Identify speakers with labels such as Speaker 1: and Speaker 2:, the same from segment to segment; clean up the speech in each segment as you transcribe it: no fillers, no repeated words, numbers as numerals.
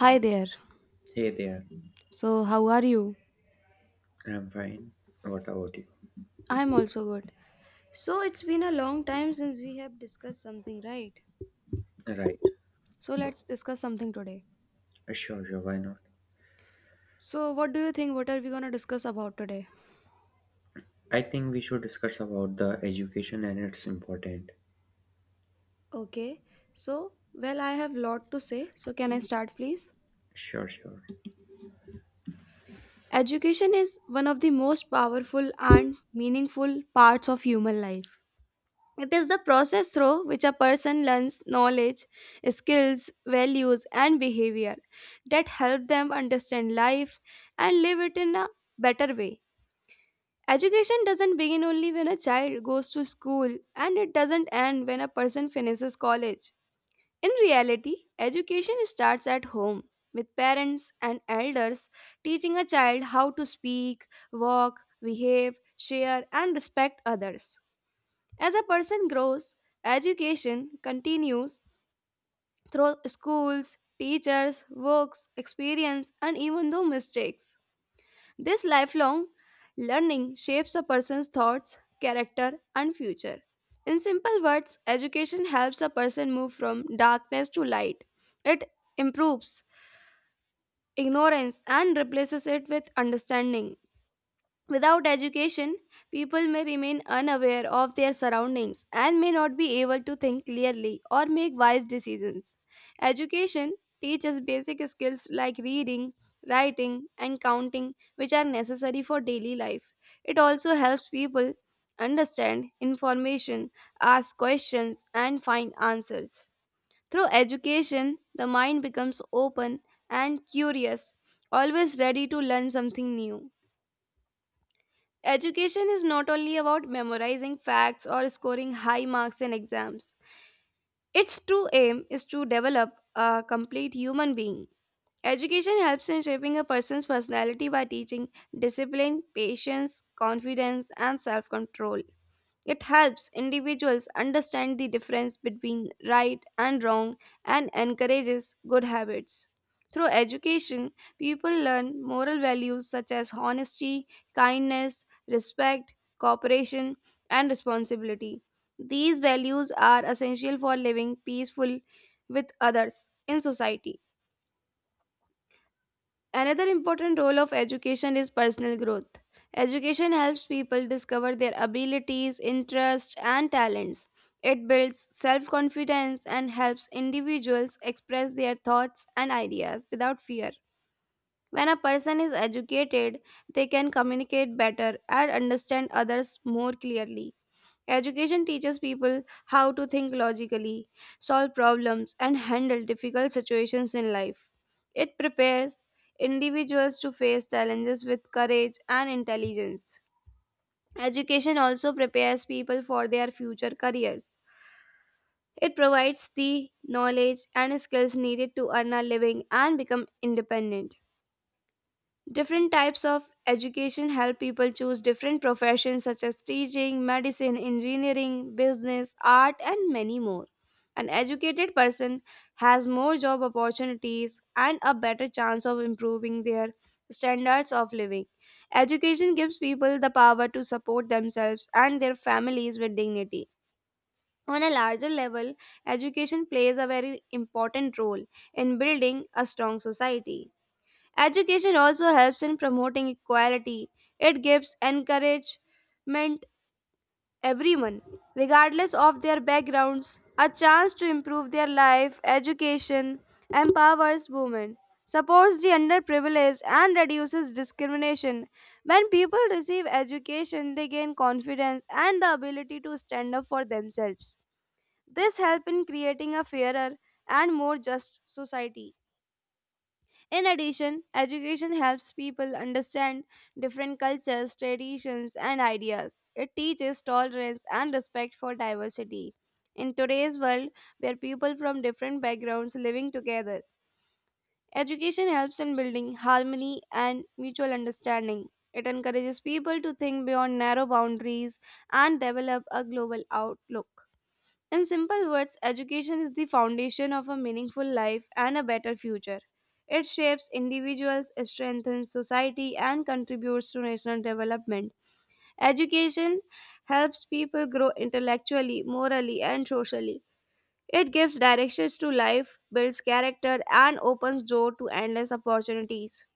Speaker 1: Hi there.
Speaker 2: Hey there,
Speaker 1: So, how are you?
Speaker 2: I'm fine. What about you?
Speaker 1: I'm also good. So, it's been a long time since we have discussed something, right?
Speaker 2: Right.
Speaker 1: So, let's discuss something today.
Speaker 2: Sure, sure, why not?
Speaker 1: So, what do you think? What are we gonna discuss about today?
Speaker 2: I think we should discuss about the education and its important.
Speaker 1: Okay. I have lot to say. So, can I start, please?
Speaker 2: Sure, sure.
Speaker 1: Education is one of the most powerful and meaningful parts of human life. It is the process through which a person learns knowledge, skills, values, and behavior that help them understand life and live it in a better way. Education doesn't begin only when a child goes to school, and it doesn't end when a person finishes college. In reality, education starts at home, with parents and elders teaching a child how to speak, walk, behave, share, and respect others. As a person grows, education continues through schools, teachers, works, experience, and even though mistakes. This lifelong learning shapes a person's thoughts, character, and future. In simple words, education helps a person move from darkness to light. It improves ignorance and replaces it with understanding. Without education, people may remain unaware of their surroundings and may not be able to think clearly or make wise decisions. Education teaches basic skills like reading, writing, and counting, which are necessary for daily life. It also helps people understand information, ask questions, and find answers. Through education, the mind becomes open and curious, always ready to learn something new. Education is not only about memorizing facts or scoring high marks in exams. Its true aim is to develop a complete human being. Education helps in shaping a person's personality by teaching discipline, patience, confidence, and self control. It helps individuals understand the difference between right and wrong and encourages good habits. Through education, people learn moral values such as honesty, kindness, respect, cooperation, and responsibility. These values are essential for living peaceful with others in society. Another important role of education is personal growth. Education helps people discover their abilities, interests, and talents. It builds self confidence and helps individuals express their thoughts and ideas without fear. When a person is educated, they can communicate better and understand others more clearly. Education teaches people how to think logically, solve problems, and handle difficult situations in life. It prepares individuals to face challenges with courage and intelligence. Education also prepares people for their future careers. It provides the knowledge and skills needed to earn a living and become independent. Different types of education help people choose different professions such as teaching, medicine, engineering, business, art, and many more. An educated person has more job opportunities and a better chance of improving their standards of living. Education gives people the power to support themselves and their families with dignity. On a larger level, education plays a very important role in building a strong society. Education also helps in promoting equality. It gives encouragement everyone, regardless of their backgrounds, a chance to improve their life. Education empowers women, supports the underprivileged, and reduces discrimination. When people receive education, they gain confidence and the ability to stand up for themselves. This helps in creating a fairer and more just society. In addition, education helps people understand different cultures, traditions, and ideas. It teaches tolerance and respect for diversity. In today's world, where people from different backgrounds living together, education helps in building harmony and mutual understanding. It encourages people to think beyond narrow boundaries and develop a global outlook. In simple words, education is the foundation of a meaningful life and a better future. It shapes individuals, strengthens society, and contributes to national development. Education helps people grow intellectually, morally, and socially. It gives directions to life, builds character, and opens door to endless opportunities.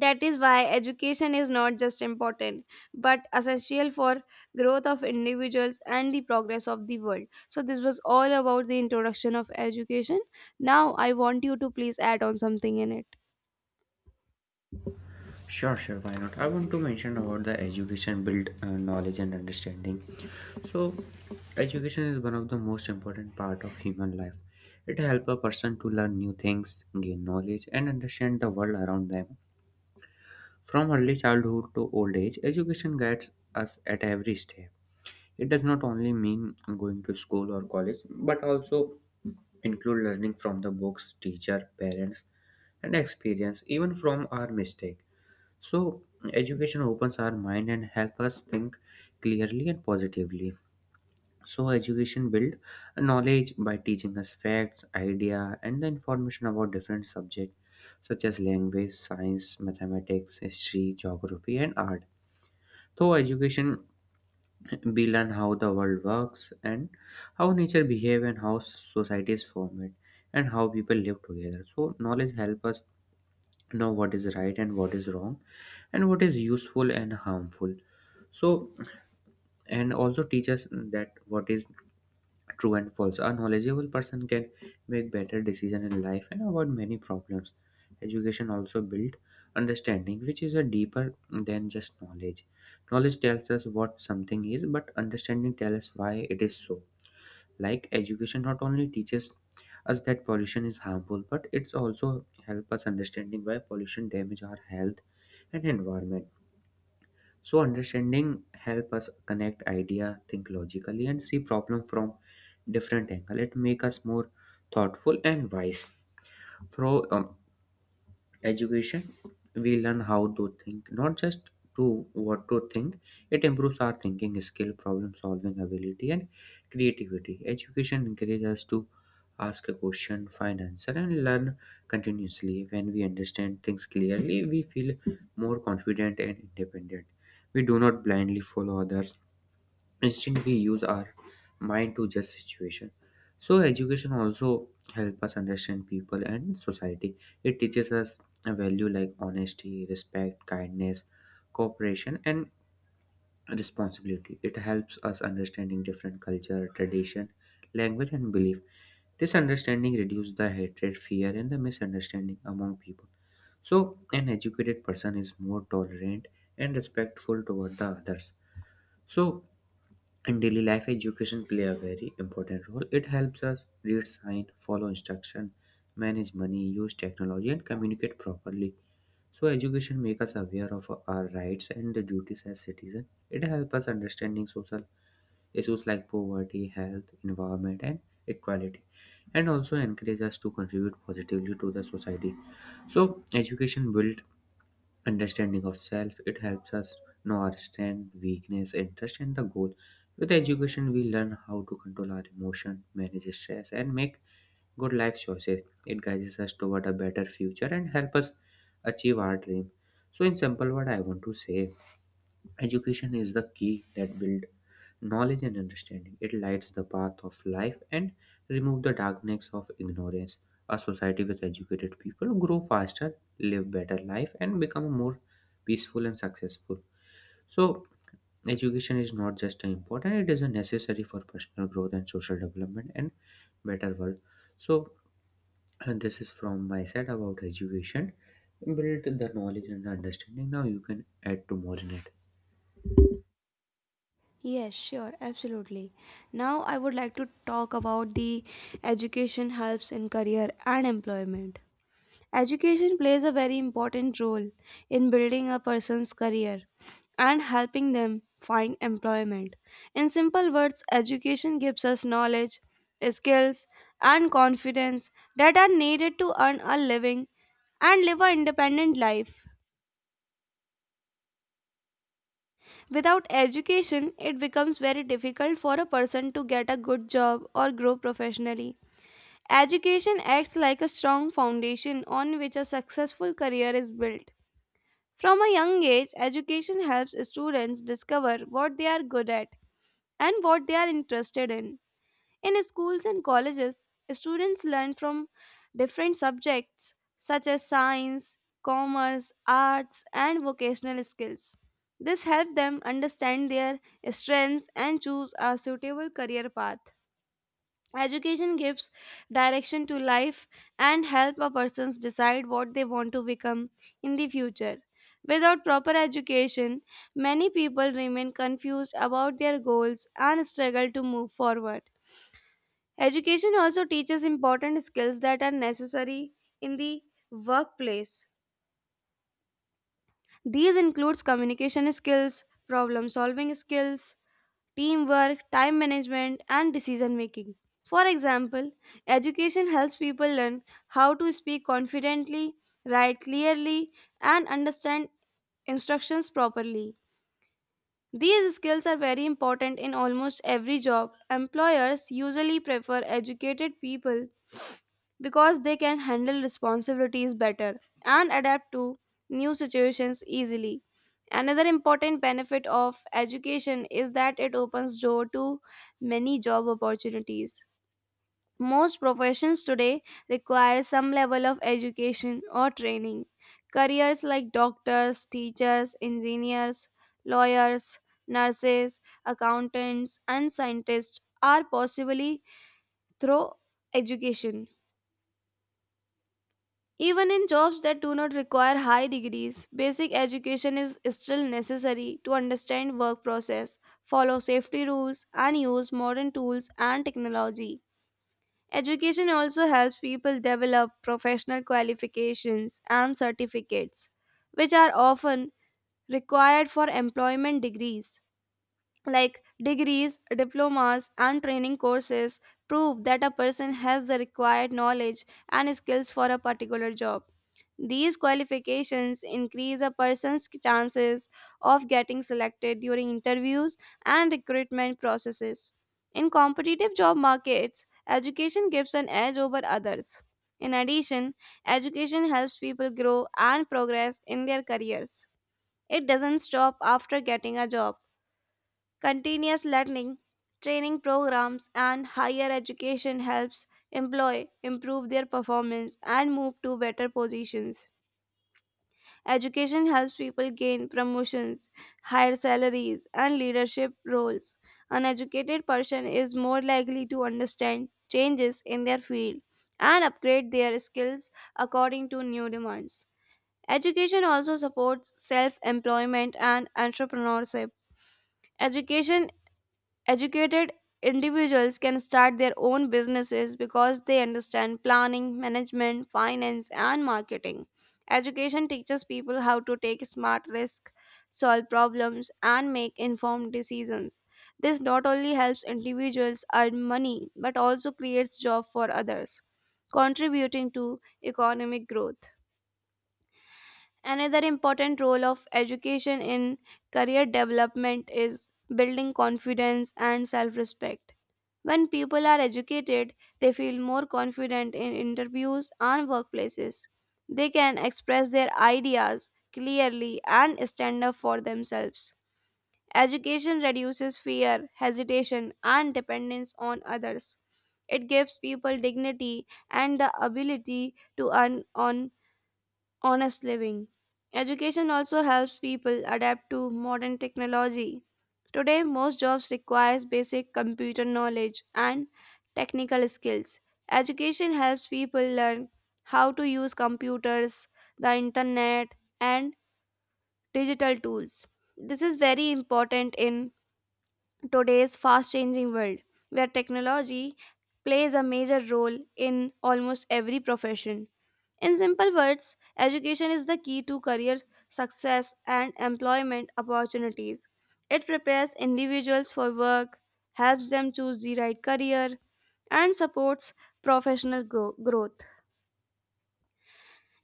Speaker 1: That is why education is not just important but essential for growth of individuals and the progress of the world. So this was all about the introduction of education. Now I want you to please add on something in it.
Speaker 2: Sure, sure, why not? I want to mention about the education build knowledge and understanding. So, education is one of the most important part of human life. It helps a person to learn new things, gain knowledge, and understand the world around them. From early childhood to old age, education guides us at every step. It does not only mean going to school or college, but also include learning from the books, teacher, parents, and experience, even from our mistake. So, education opens our mind and help us think clearly and positively. So, education build knowledge by teaching us facts, idea, and the information about different subjects such as language, science, mathematics, history, geography, and art. So, education we learn how the world works and how nature behave and how societies form it and how people live together. So knowledge help us know what is right and what is wrong, and what is useful and harmful. So and also teach us that what is true and false. A knowledgeable person can make better decision in life and avoid many problems. Education also build understanding, which is a deeper than just knowledge. Knowledge tells us what something is, but understanding tells us why it is so. Like, education not only teaches us that pollution is harmful, but it's also help us understanding why pollution damage our health and environment. So understanding help us connect idea, think logically, and see problem from different angle. It make us more thoughtful and wise. Through education, we learn how to think, not just to what to think. It improves our thinking skill, problem solving ability, and creativity. Education encourages us to ask a question, find answer, and learn continuously. When we understand things clearly, we feel more confident and independent. We do not blindly follow others; instead, we use our mind to judge situation. So education also help us understand people and society. It teaches us a value like honesty, respect, kindness, cooperation, and responsibility. It helps us understanding different culture, tradition, language, and belief. This understanding reduces the hatred, fear, and the misunderstanding among people. So an educated person is more tolerant and respectful toward the others. So in daily life, education play a very important role. It helps us read sign, follow instruction, manage money, use technology, and communicate properly. So, education makes us aware of our rights and the duties as citizens. It helps us understanding social issues like poverty, health, environment, and equality, and also encourages us to contribute positively to the society. So, education builds understanding of self. It helps us know our strength, weakness, interest, and the goal. With education, we learn how to control our emotion, manage stress, and make good life choices. It guides us toward a better future and help us achieve our dream. So in simple, what I want to say: education is the key that builds knowledge and understanding. It lights the path of life and remove the darkness of ignorance. A society with educated people grow faster, live better life, and become more peaceful and successful. So, education is not just important; it is a necessary for personal growth and social development and better world. So, and this is from my side about education. Build the knowledge and the understanding. Now you can add to more in it.
Speaker 1: Yes, sure, absolutely. Now I would like to talk about the education helps in career and employment. Education plays a very important role in building a person's career and helping them find employment. In simple words, education gives us knowledge, skills, and confidence that are needed to earn a living and live an independent life. Without education, it becomes very difficult for a person to get a good job or grow professionally. Education acts like a strong foundation on which a successful career is built. From a young age, education helps students discover what they are good at and what they are interested in. In schools and colleges, students learn from different subjects such as science, commerce, arts, and vocational skills. This helps them understand their strengths and choose a suitable career path. Education gives direction to life and help a person decide what they want to become in the future. Without proper education, many people remain confused about their goals and struggle to move forward. Education also teaches important skills that are necessary in the workplace. These includes communication skills, problem solving skills, teamwork, time management, and decision making. For example, education helps people learn how to speak confidently, write clearly, and understand instructions properly. These skills are very important in almost every job. Employers usually prefer educated people because they can handle responsibilities better and adapt to new situations easily. Another important benefit of education is that it opens door to many job opportunities. Most professions today require some level of education or training. Careers like doctors, teachers, engineers, lawyers, nurses, accountants, and scientists are possibly through education. Even in jobs that do not require high degrees, basic education is still necessary to understand work process, follow safety rules, and use modern tools and technology. Education also helps people develop professional qualifications and certificates, which are often required for employment degrees like degrees, diplomas, and training courses prove that a person has the required knowledge and skills for a particular job. These qualifications increase a person's chances of getting selected during interviews and recruitment processes. In competitive job markets, education gives an edge over others. In addition, education helps people grow and progress in their careers. It doesn't stop after getting a job. Continuous learning, training programs, and higher education helps employ improve their performance and move to better positions. Education helps people gain promotions, higher salaries, and leadership roles. An educated person is more likely to understand changes in their field and upgrade their skills according to new demands. Education also supports self employment and entrepreneurship. Education Educated individuals can start their own businesses because they understand planning, management, finance, and marketing. Education teaches people how to take smart risks, solve problems, and make informed decisions. This not only helps individuals earn money but also creates jobs for others, contributing to economic growth. Another important role of education in career development is building confidence and self respect. When people are educated, they feel more confident in interviews and workplaces. They can express their ideas clearly and stand up for themselves. Education reduces fear, hesitation, and dependence on others. It gives people dignity and the ability to earn on honest living. Education also helps people adapt to modern technology. Today, most jobs requires basic computer knowledge and technical skills. Education helps people learn how to use computers, the internet, and digital tools. This is very important in today's fast changing world, where technology plays a major role in almost every profession. In simple words, education is the key to career success and employment opportunities. It prepares individuals for work, helps them choose the right career, and supports professional growth.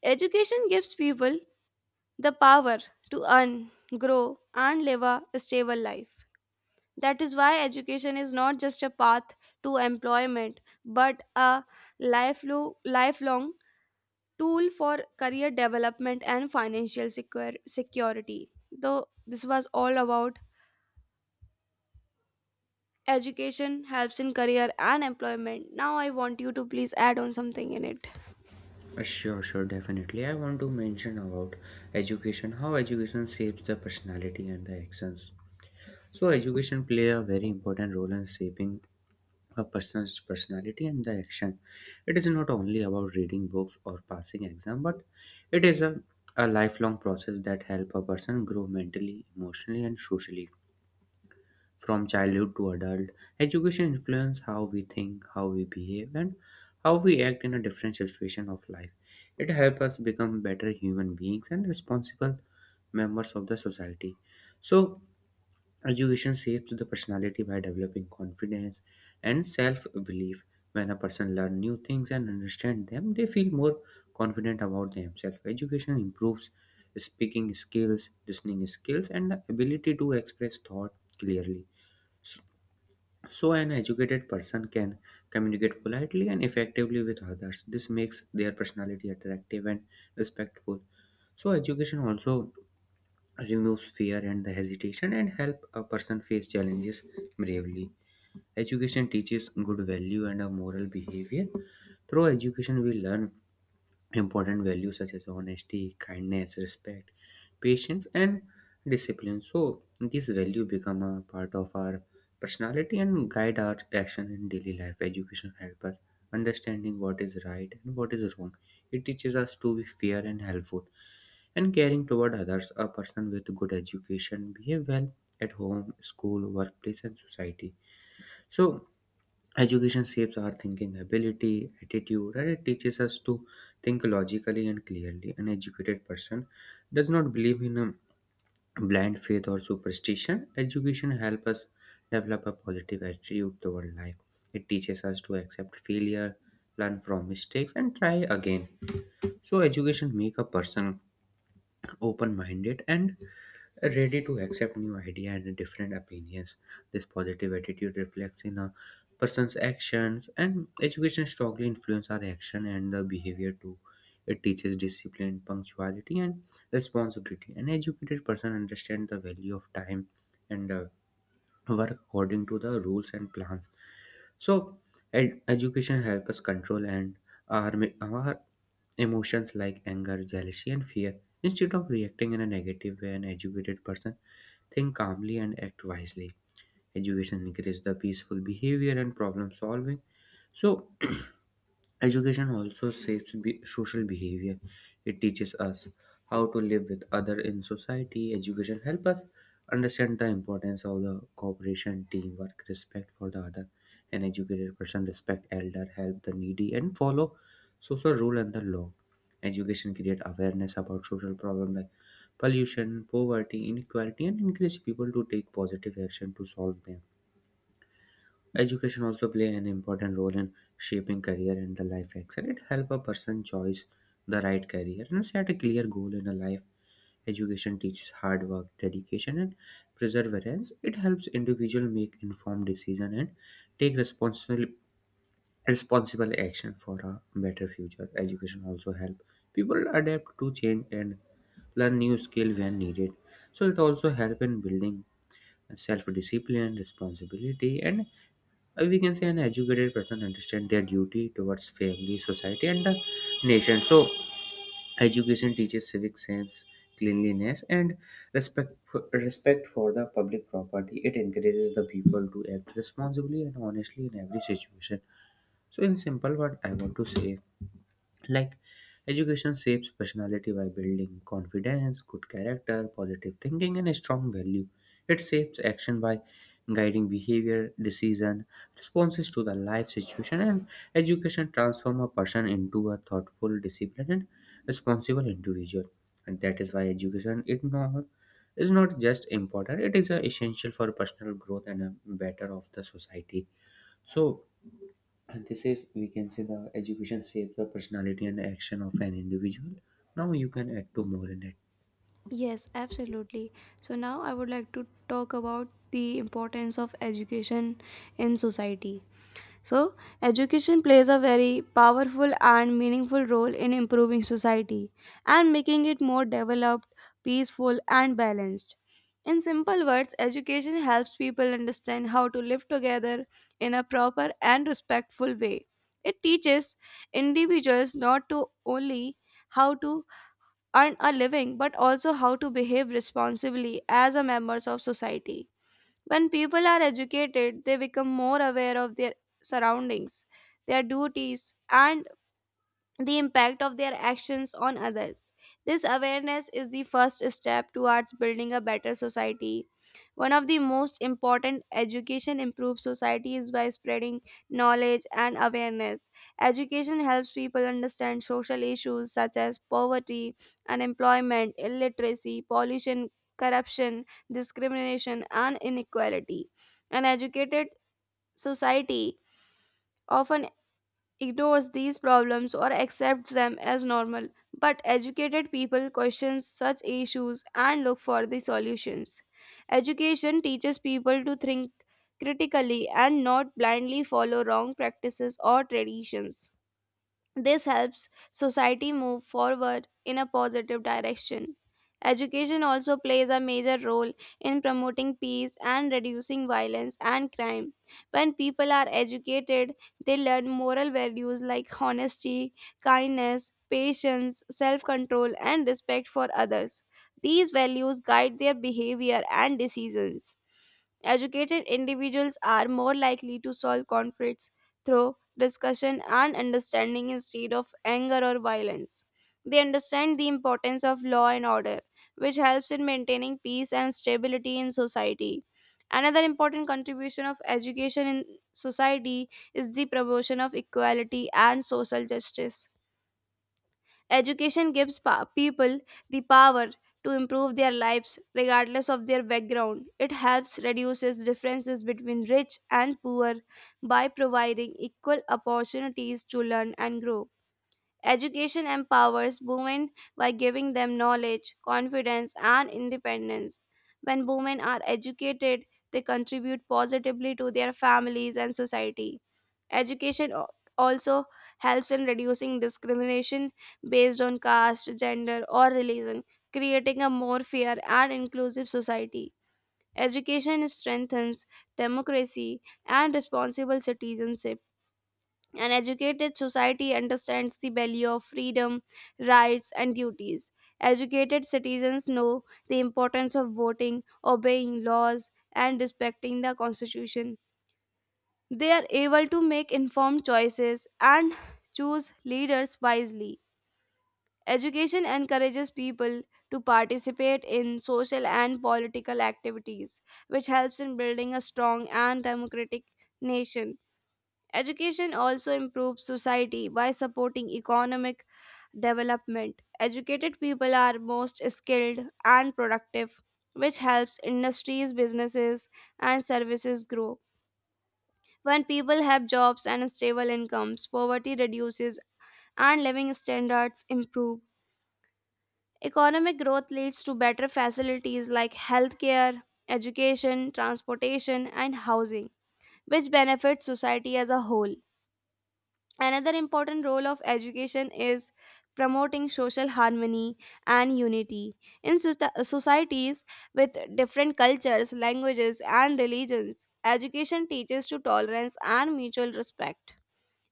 Speaker 1: Education gives people the power to earn, grow, and live a stable life. That is why education is not just a path to employment, but a lifelong tool for career development and financial security. Though this was all about education helps in career and employment. Now I want you to please add on something in it.
Speaker 2: Sure, sure, definitely. I want to mention about education, how education shapes the personality and the actions. So, education play a very important role in shaping a person's personality and the action. It is not only about reading books or passing exam, but it is a lifelong process that help a person grow mentally, emotionally, and socially. From childhood to adult, education influences how we think, how we behave, and how we act in a different situation of life. It helps us become better human beings and responsible members of the society. So, education shapes the personality by developing confidence and self belief. When a person learns new things and understands them, they feel more confident about themselves. Education improves speaking skills, listening skills, and the ability to express thought clearly. So, an educated person can communicate politely and effectively with others. This makes their personality attractive and respectful. So, education also removes fear and the hesitation and help a person face challenges bravely. Education teaches good value and a moral behavior. Through education, we learn important values such as honesty, kindness, respect, patience, and discipline. So these values become a part of our personality and guide our action in daily life. Education helps us understanding what is right and what is wrong. It teaches us to be fair and helpful and caring toward others. A person with good education behave well at home, school, workplace, and society. So education shapes our thinking ability, attitude, and it teaches us to think logically and clearly. An educated person does not believe in a blind faith or superstition. Education helps us develop a positive attitude toward life. It teaches us to accept failure, learn from mistakes, and try again. So, education make a person open-minded and ready to accept new ideas and different opinions. This positive attitude reflects in a person's actions, and education strongly influences our action and the behavior too. It teaches discipline, punctuality, and responsibility. An educated person understands the value of time and work according to the rules and plans. So, education helps us control and our, our emotions like anger, jealousy, and fear. Instead of reacting in a negative way, an educated person think calmly and act wisely. Education encourages the peaceful behavior and problem solving. So, education also shapes social behavior. It teaches us how to live with others in society. Education helps us understand the importance of the cooperation, teamwork, respect for the other. An educated person respect elder, help the needy, and follow social rule and the law. Education create awareness about social problem like pollution, poverty, inequality, and encourage people to take positive action to solve them. Education also play an important role in shaping career and the life excel. It help a person choose the right career and set a clear goal in a life. Education teaches hard work, dedication, and perseverance. It helps individual make informed decision and take responsible action for a better future. Education also help people adapt to change and learn new skill when needed. So it also help in building self discipline, responsibility, and we can say an educated person understand their duty towards family, society, and the nation. So, education teaches civic sense, cleanliness, and respect for the public property. It encourages the people to act responsibly and honestly in every situation. So, in simple, what I want to say, like, education shapes personality by building confidence, good character, positive thinking, and a strong value. It shapes action by guiding behavior, decision, responses to the life situation, and education transforms a person into a thoughtful, disciplined, and responsible individual. And that is why education it not is not just important; it is essential for personal growth and a better of the society. So and this is we can say the education shapes the personality and action of an individual. Now you can add to more in it.
Speaker 1: Yes, absolutely. So now I would like to talk about the importance of education in society. So, education plays a very powerful and meaningful role in improving society and making it more developed, peaceful, and balanced. In simple words, education helps people understand how to live together in a proper and respectful way. It teaches individuals not to only how to earn a living but also how to behave responsibly as a members of society. When people are educated, they become more aware of their surroundings, their duties, and the impact of their actions on others. This awareness is the first step towards building a better society. One of the most important education improves society is by spreading knowledge and awareness. Education helps people understand social issues such as poverty, unemployment, illiteracy, pollution, corruption, discrimination, and inequality. An educated society often ignores these problems or accepts them as normal, but educated people question such issues and look for the solutions. Education teaches people to think critically and not blindly follow wrong practices or traditions. This helps society move forward in a positive direction. Education also plays a major role in promoting peace and reducing violence and crime. When people are educated, they learn moral values like honesty, kindness, patience, self control, and respect for others. These values guide their behavior and decisions. Educated individuals are more likely to solve conflicts through discussion and understanding instead of anger or violence. They understand the importance of law and order, which helps in maintaining peace and stability in society. Another important contribution of education in society is the promotion of equality and social justice. Education gives people the power to improve their lives regardless of their background. It helps reduces differences between rich and poor by providing equal opportunities to learn and grow. Education empowers women by giving them knowledge, confidence, and independence. When women are educated, they contribute positively to their families and society. Education also helps in reducing discrimination based on caste, gender, or religion, creating a more fair and inclusive society. Education strengthens democracy and responsible citizenship. An educated society understands the value of freedom, rights, and duties. Educated citizens know the importance of voting, obeying laws, and respecting the constitution. They are able to make informed choices and choose leaders wisely. Education encourages people to participate in social and political activities, which helps in building a strong and democratic nation. Education also improves society by supporting economic development. Educated people are most skilled and productive, which helps industries, businesses, and services grow. When people have jobs and stable incomes, poverty reduces and living standards improve. Economic growth leads to better facilities like healthcare, education, transportation, and housing, which benefits society as a whole. Another important role of education is promoting social harmony and unity. In societies with different cultures, languages, and religions, education teaches to tolerance and mutual respect.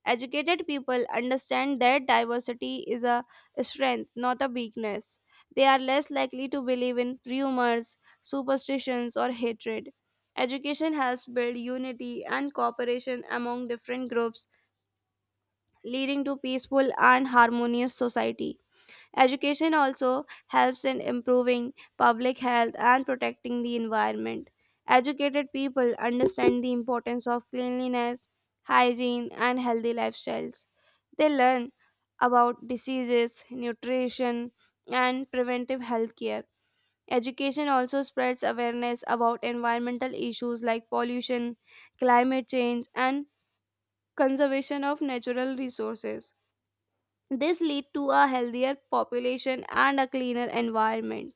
Speaker 1: Educated people understand that diversity is a strength, not a weakness. They are less likely to believe in rumors, superstitions, or hatred. Education helps build unity and cooperation among different groups, leading to peaceful and harmonious society. Education also helps in improving public health and protecting the environment. Educated people understand the importance of cleanliness, hygiene, and healthy lifestyles. They learn about diseases, nutrition, and preventive health care. Education also spreads awareness about environmental issues like pollution, climate change, and conservation of natural resources. This lead to a healthier population and a cleaner environment.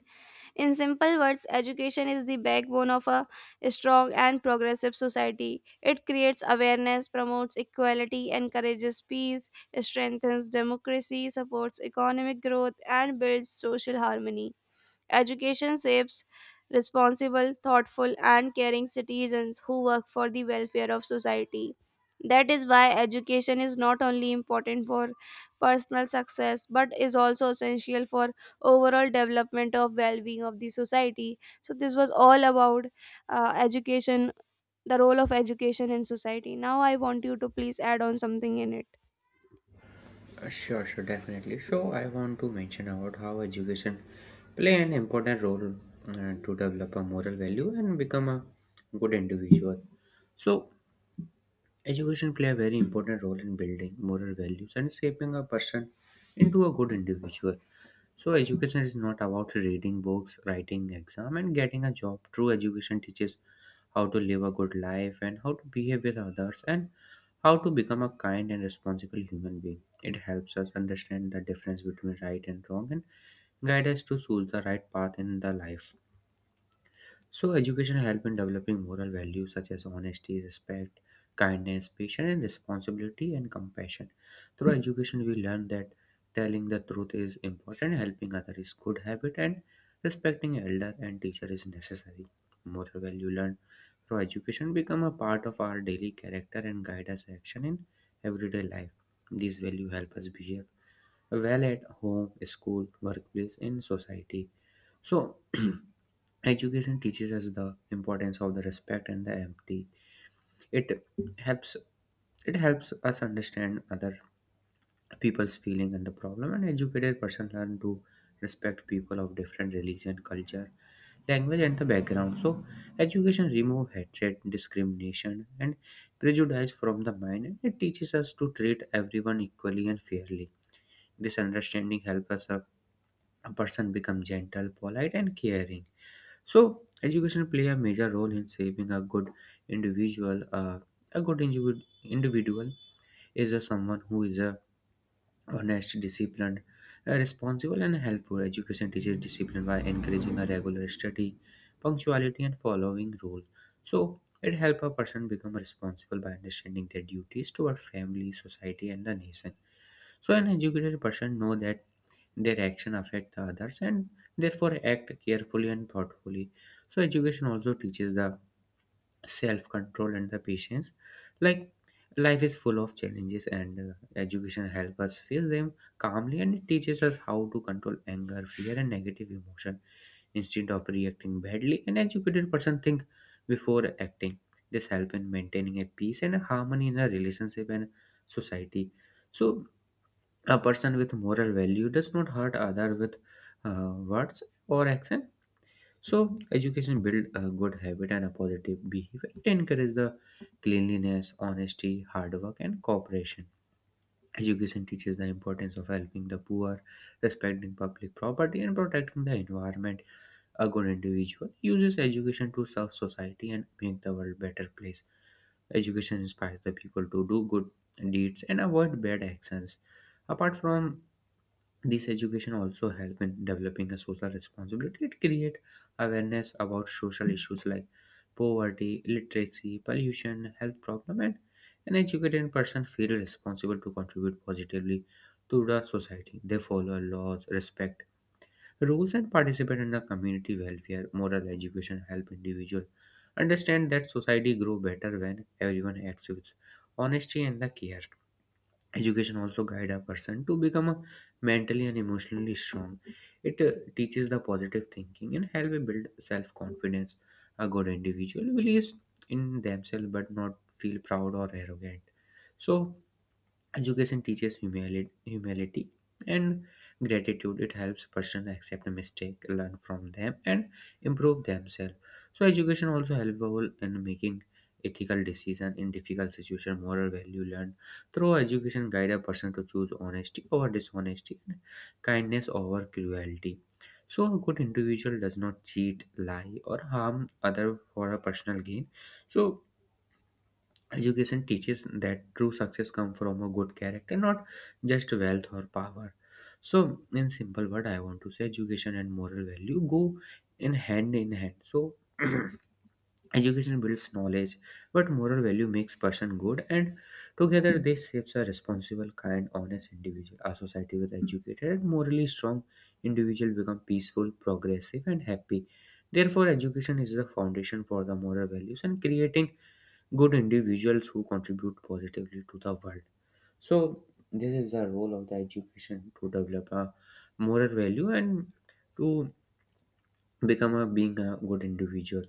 Speaker 1: In simple words, education is the backbone of a strong and progressive society. It creates awareness, promotes equality, encourages peace, strengthens democracy, supports economic growth, and builds social harmony. Education shapes responsible, thoughtful, and caring citizens who work for the welfare of society. That is why education is not only important for personal success but is also essential for overall development of well-being of the society. So this was all about education, the role of education in society. Now I want you to please add on something in it.
Speaker 2: Sure, sure, definitely. So I want to mention about how education play an important role to develop a moral value and become a good individual. So education play a very important role in building moral values and shaping a person into a good individual. So education is not about reading books, writing exam and getting a job. True education teaches how to live a good life and how to behave with others and how to become a kind and responsible human being. It helps us understand the difference between right and wrong and guide us to choose the right path in the life. So, education help in developing moral values such as honesty, respect, kindness, patience, and responsibility and compassion. Through education, we learn that telling the truth is important, helping others is good habit, and respecting elder and teacher is necessary. Moral value learned through education become a part of our daily character and guide us action in everyday life. These value help us behave well at home, school, workplace, in society. So education teaches us the importance of the respect and the empathy. It helps it helps us understand other people's feeling and the problem. An educated person learn to respect people of different religion, culture, language, and the background. So, education remove hatred, discrimination, and prejudice from the mind, and it teaches us to treat everyone equally and fairly. This understanding helps us a person become gentle, polite, and caring. So, education play a major role in shaping a good individual. A good individual is a someone who is a honest, disciplined, responsible, and helpful. Education teaches discipline by encouraging a regular study, punctuality, and following rules. So, it helps a person become responsible by understanding their duties toward family, society, and the nation. So, an educated person know that their action affect the others and therefore act carefully and thoughtfully. So education also teaches the self control and the patience. Like, life is full of challenges, and education help us face them calmly, and it teaches us how to control anger, fear, and negative emotion. Instead of reacting badly, an educated person think before acting. This help in maintaining a peace and a harmony in a relationship and society. So a person with moral value does not hurt other with words or action. So education build a good habit and a positive behavior. It encourages the cleanliness, honesty, hard work, and cooperation. Education teaches the importance of helping the poor, respecting public property, and protecting the environment. A good individual uses education to serve society and make the world better place. Education inspires the people to do good deeds and avoid bad actions. Apart from this, education also help in developing a social responsibility. It create awareness about social issues like poverty, literacy, pollution, health problem, and an educated person feel responsible to contribute positively to the society. They follow laws, respect rules, and participate in the community welfare. Moral education help individual understand that society grow better when everyone acts with honesty and the care. Education also guide a person to become a mentally and emotionally strong. It teaches the positive thinking and help build self-confidence. A good individual believes in themselves but not feel proud or arrogant. So education teaches humility and gratitude. It helps person accept a mistake, learn from them, and improve themselves. So education also helpful in making ethical decision in difficult situation. Moral value learned through education guide a person to choose honesty over dishonesty, and kindness over cruelty. So a good individual does not cheat, lie, or harm other for a personal gain. So education teaches that true success comes from a good character, not just wealth or power. So, in simple word, I want to say education and moral value go in hand in hand. So, education builds knowledge, but moral value makes person good, and together they shapes a responsible, kind, honest individual. A society with educated and morally strong individual become peaceful, progressive, and happy. Therefore, education is the foundation for the moral values and creating good individuals who contribute positively to the world. So, this is the role of the education to develop a moral value and to become a being a good individual.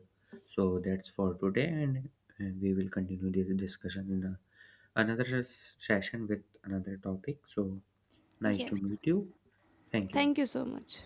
Speaker 2: So, that's for today, and we will continue this discussion in another session with another topic. So, nice to
Speaker 1: Yes.
Speaker 2: meet you. Thank you.
Speaker 1: Thank you so much.